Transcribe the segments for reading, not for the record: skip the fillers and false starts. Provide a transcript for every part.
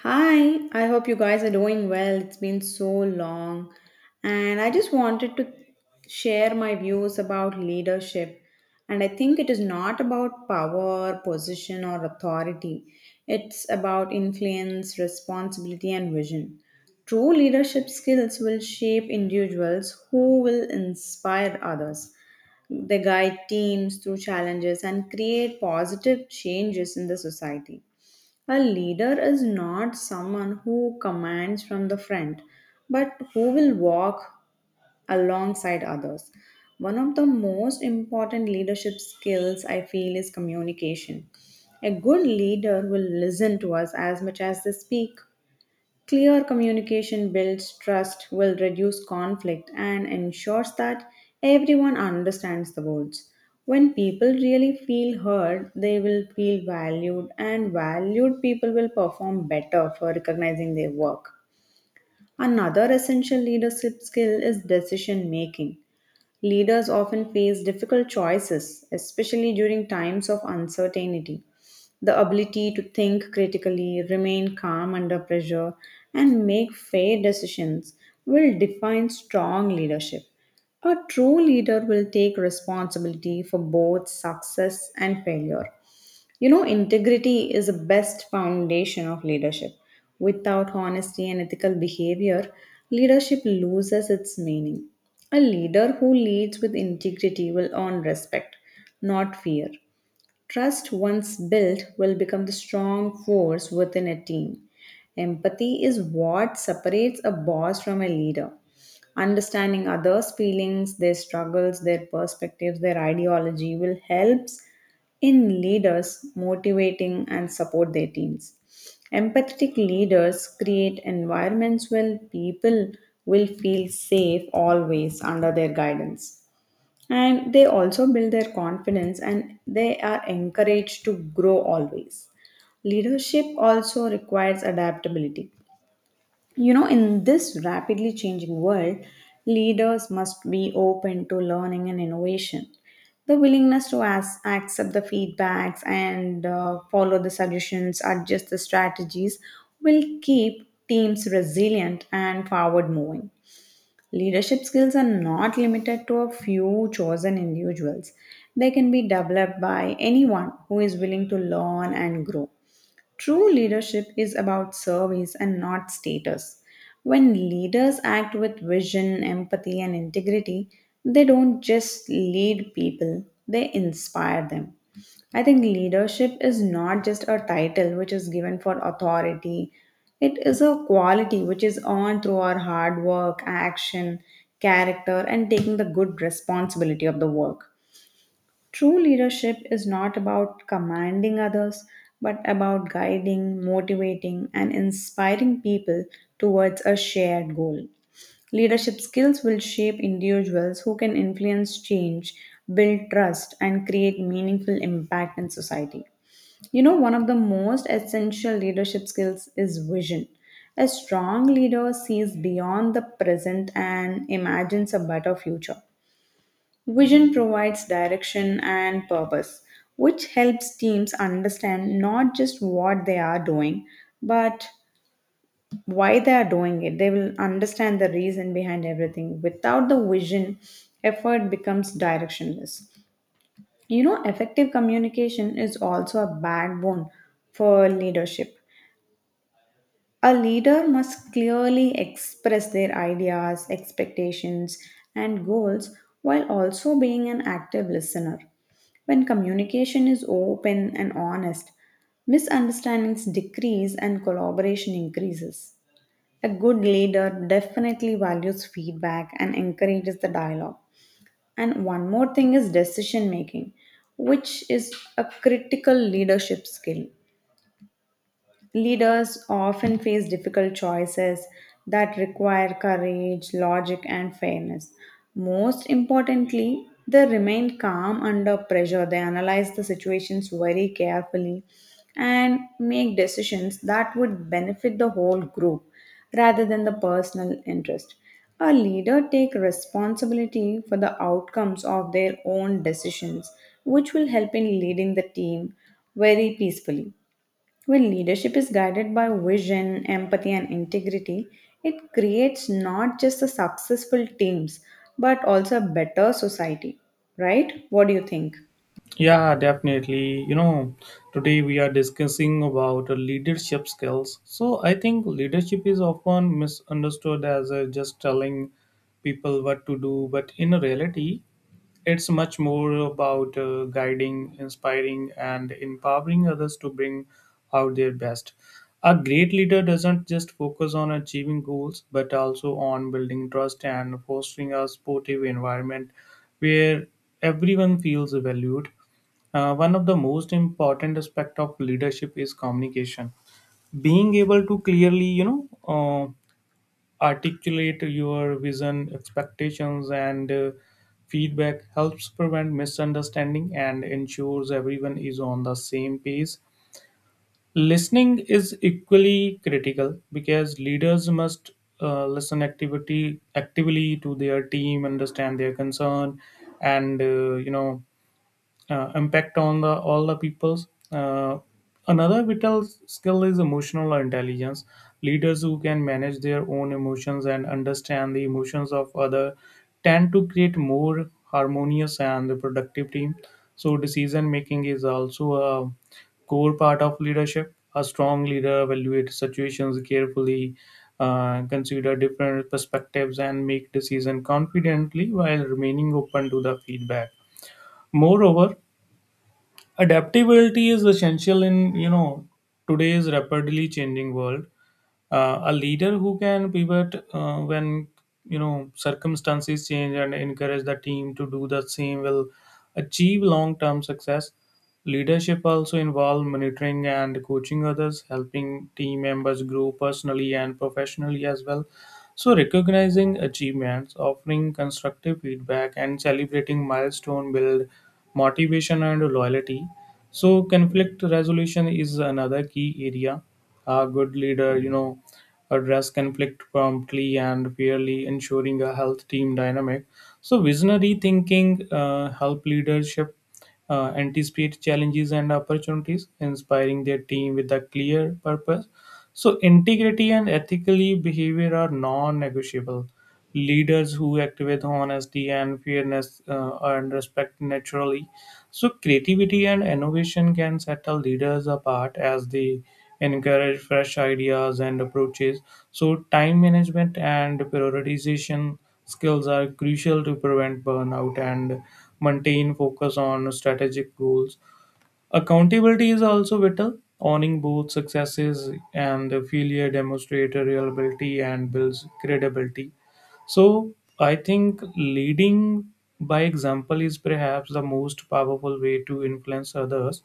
Hi, I hope you guys are doing well. It's been so long, and I just wanted to share my views about leadership. And I think it is not about power, position, or authority, it's about influence, responsibility, and vision. True leadership skills will shape individuals who will inspire others. They guide teams through challenges and create positive changes in the society. A leader is not someone who commands from the front, but who will walk alongside others. One of the most important leadership skills I feel is communication. A good leader will listen to us as much as they speak. Clear communication builds trust, will reduce conflict, and ensures that everyone understands the goals. When people really feel heard, they will feel valued, and valued people will perform better for recognizing their work. Another essential leadership skill is decision making. Leaders often face difficult choices, especially during times of uncertainty. The ability to think critically, remain calm under pressure, and make fair decisions will define strong leadership. A true leader will take responsibility for both success and failure. Integrity is the best foundation of leadership. Without honesty and ethical behavior, leadership loses its meaning. A leader who leads with integrity will earn respect, not fear. Trust, once built, will become the strong force within a team. Empathy is what separates a boss from a leader. Understanding others' feelings, their struggles, their perspectives, their ideology will helps in leaders motivating and support their teams. Empathetic leaders create environments where people will feel safe always under their guidance, and they also build their confidence and they are encouraged to grow always. Leadership also requires adaptability, you know, in this rapidly changing world leaders must be open to learning and innovation. The willingness to ask, accept the feedbacks and follow the suggestions, adjust the strategies will keep teams resilient and forward moving. Leadership skills are not limited to a few chosen individuals. They can be developed by anyone who is willing to learn and grow. True leadership is about service and not status. When leaders act with vision, empathy, and integrity, they don't just lead people, they inspire them. I think leadership is not just a title which is given for authority, it is a quality which is earned through our hard work, action, character, and taking the good responsibility of the work. True leadership is not about commanding others, but about guiding, motivating, and inspiring people towards a shared goal. Leadership skills will shape individuals who can influence change, build trust, and create meaningful impact in society. You know, one of the most essential leadership skills is vision. A strong leader sees beyond the present and imagines a better future. Vision provides direction and purpose, which helps teams understand not just what they are doing, but why they are doing it. They will understand the reason behind everything. Without the vision, effort becomes directionless. You know, effective communication is also a backbone for leadership. A leader must clearly express their ideas, expectations, and goals while also being an active listener. When communication is open and honest, misunderstandings decrease and collaboration increases. A good leader definitely values feedback and encourages the dialogue. And one more thing is decision making, which is a critical leadership skill. Leaders often face difficult choices that require courage, logic, and fairness. Most importantly, they remain calm under pressure. They analyze the situations very carefully and make decisions that would benefit the whole group rather than the personal interest. A leader take responsibility for the outcomes of their own decisions, which will help in leading the team very peacefully. When leadership is guided by vision, empathy, and integrity, it creates not just the successful teams, but also a better society. Right? What do you think? Yeah, definitely. Today we are discussing about leadership skills. So I think leadership is often misunderstood as just telling people what to do, but in reality, it's much more about guiding, inspiring, and empowering others to bring out their best. A great leader doesn't just focus on achieving goals, but also on building trust and fostering a supportive environment where everyone feels valued. One of the most important aspect of leadership is communication. Being able to clearly, articulate your vision, expectations, and feedback helps prevent misunderstanding and ensures everyone is on the same page. Listening is equally critical because leaders must listen activity actively to their team, understand their concern, and impact on the all the peoples. Another vital skill is emotional intelligence. Leaders who can manage their own emotions and understand the emotions of other tend to create more harmonious and productive team. So decision making is also a core part of leadership. A strong leader evaluates situations carefully, consider different perspectives, and make decision confidently while remaining open to the feedback. Moreover, adaptability is essential in today's rapidly changing world. A leader who can pivot when circumstances change and encourage the team to do the same will achieve long term success. Leadership also involves monitoring and coaching others, helping team members grow personally and professionally as well. So, recognizing achievements, offering constructive feedback, and celebrating milestone build motivation and loyalty. So, conflict resolution is another key area. A good leader, address conflict promptly and fairly, ensuring a health team dynamic. So, visionary thinking help leadership anticipate challenges and opportunities, inspiring their team with a clear purpose. So, integrity and ethical behavior are non negotiable. Leaders who act with honesty and fairness and respect naturally. So, creativity and innovation can set the leaders apart as they encourage fresh ideas and approaches. So, time management and prioritization skills are crucial to prevent burnout and maintain focus on strategic goals. Accountability is also vital. Owning both successes and failure demonstrates reliability and builds credibility. So I think leading by example is perhaps the most powerful way to influence others.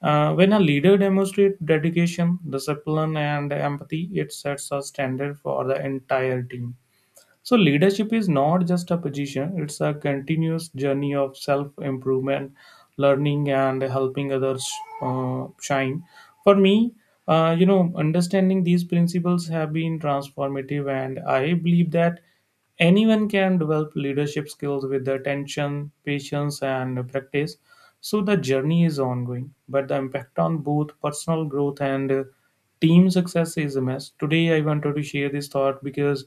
When a leader demonstrates dedication, discipline, and empathy, it sets a standard for the entire team. So, leadership is not just a position, it's a continuous journey of self improvement, learning, and helping others shine. For me, understanding these principles have been transformative, and I believe that anyone can develop leadership skills with attention, patience, and practice. So the journey is ongoing, but the impact on both personal growth and team success is immense. Today, I wanted to share this thought because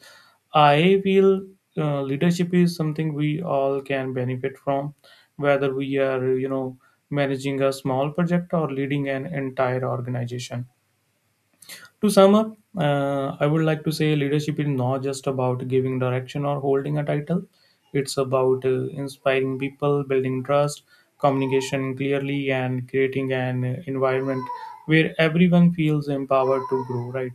I feel leadership is something we all can benefit from, whether we are, managing a small project or leading an entire organization. To sum up, I would like to say leadership is not just about giving direction or holding a title. It's about inspiring people, building trust, communication clearly, and creating an environment where everyone feels empowered to grow, right?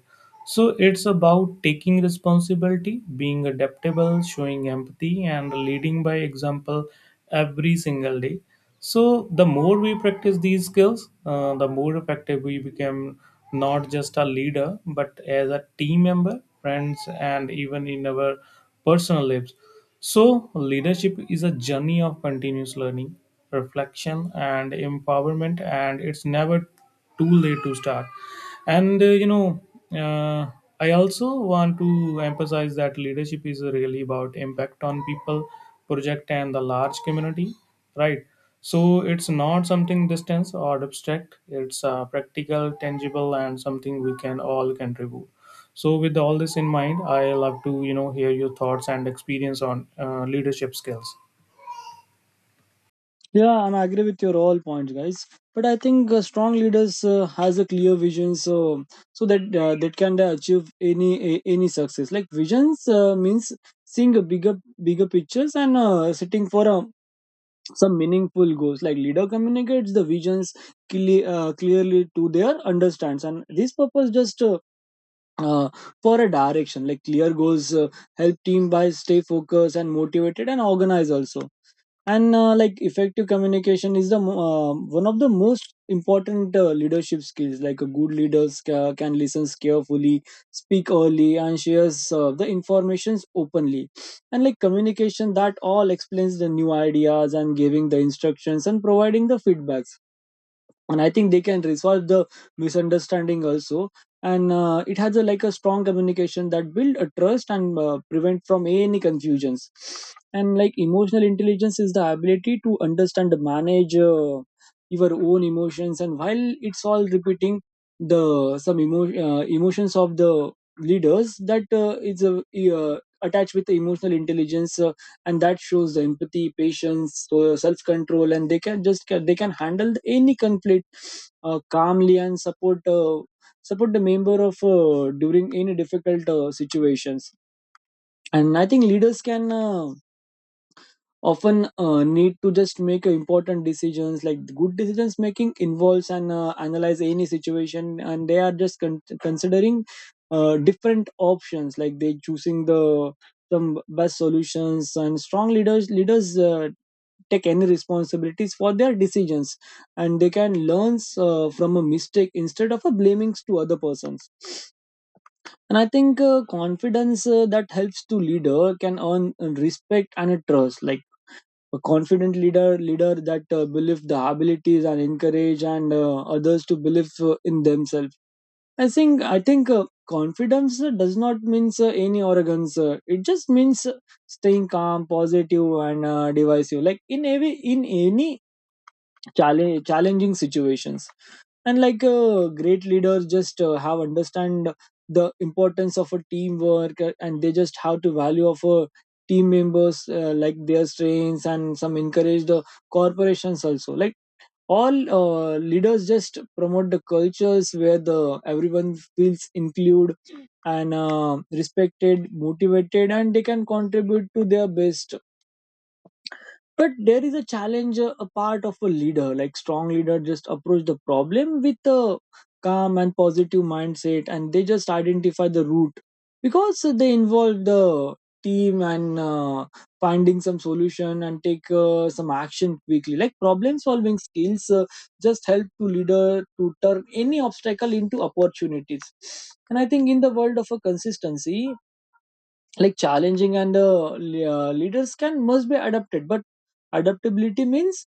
So it's about taking responsibility, being adaptable, showing empathy, and leading by example every single day. So the more we practice these skills, the more effective we become, not just a leader, but as a team member, friends, and even in our personal lives. So leadership is a journey of continuous learning, reflection, and empowerment, and it's never too late to start. And you know uh, I also want to emphasize that leadership is really about impact on people, project and the large community, right? So it's not something distant or abstract. It's practical, tangible, and something we can all contribute. So with all this in mind, I love to hear your thoughts and experience on leadership skills. Yeah, and I agree with your all points, guys. But I think strong leaders has a clear vision, so that that can achieve any success. Like visions means seeing a bigger pictures and setting for some meaningful goals. Like leader communicates the visions clearly to their understands, and this purpose just. Uh, for a direction like clear goals help team by stay focused and motivated and organized also. And like effective communication is one of the most important leadership skills like a good leaders can listen carefully, speak early and shares the informations openly. And like communication that all explains the new ideas and giving the instructions and providing the feedbacks, and I think they can resolve the misunderstanding also. And it has a like a strong communication that build a trust and prevent from any confusions. And like emotional intelligence is the ability to understand manage your own emotions, and while it's all repeating the emotions of the leaders that is attached with the emotional intelligence and that shows the empathy patience so self-control, and they can just they can handle any conflict calmly and support the member of during any difficult situations. And I think leaders can often need to just make important decisions. Like good decisions making involves and analyze any situation, and they are just considering different options like they choosing the some best solutions. And strong leaders take any responsibilities for their decisions, and they can learn from a mistake instead of a blaming to other persons. And I think confidence that helps to leader can earn respect and a trust, like a confident leader that believe the abilities and encourage and others to believe in themselves. I think confidence does not means any arrogance uh,, it just means staying calm positive and divisive, like in every in any challenging situations. And like great leaders just have understand the importance of a teamwork and they just have to value of a team members like their strengths, and some encourage the corporations also. Like all leaders just promote the cultures where the everyone feels included and respected motivated, and they can contribute to their best. But there is a challenge a part of a leader, like strong leader just approach the problem with a calm and positive mindset, and they just identify the root because they involve the team and finding some solution and take some action quickly. Like problem solving skills just help to leader to turn any obstacle into opportunities. And I think in the world of a consistency like challenging and leaders can must be adapted, but adaptability means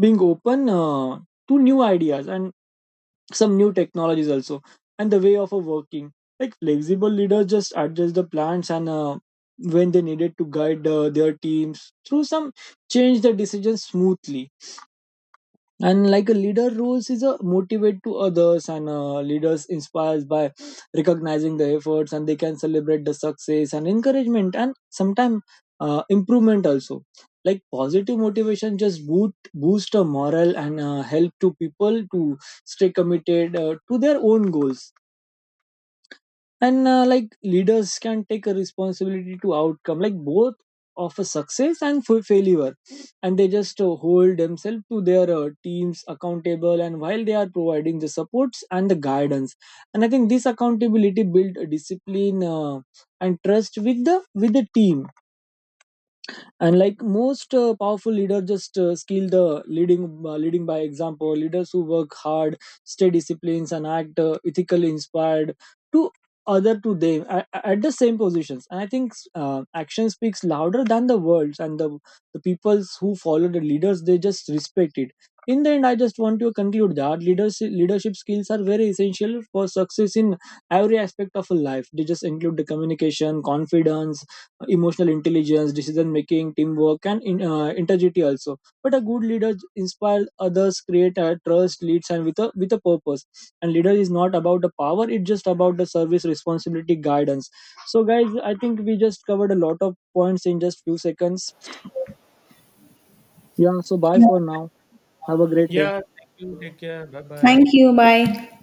being open to new ideas and some new technologies also, and the way of working. Like flexible leaders just adjust the plans and when they needed to guide their teams through some change the decisions smoothly. And like a leader roles is a motivate to others, and leaders inspires by recognizing the efforts, and they can celebrate the success and encouragement and sometimes improvement also. Like positive motivation just boost a morale and help to people to stay committed to their own goals. And like leaders can take a responsibility to outcome like both of a success and for failure, and they just hold themselves to their teams accountable and while they are providing the supports and the guidance. And I think this accountability build a discipline and trust with the team. And like most powerful leader just skill the leading by example. Leaders who work hard stay disciplines and act ethically inspired to other to them at the same positions. And I think action speaks louder than the words, and the peoples who follow the leaders they just respect it. In the end I just want to conclude that leadership skills are very essential for success in every aspect of a life. They just include the communication, confidence, emotional intelligence, decision making, teamwork, and integrity also. But a good leader inspires others, create a trust, leads, and with a purpose. And leader is not about the power; it's just about the service, responsibility, guidance. So, guys, I think we just covered a lot of points in just few seconds. Yeah. So, bye for now. Have a great day. Yeah, thank you. Take care. Bye Thank bye. you. Bye.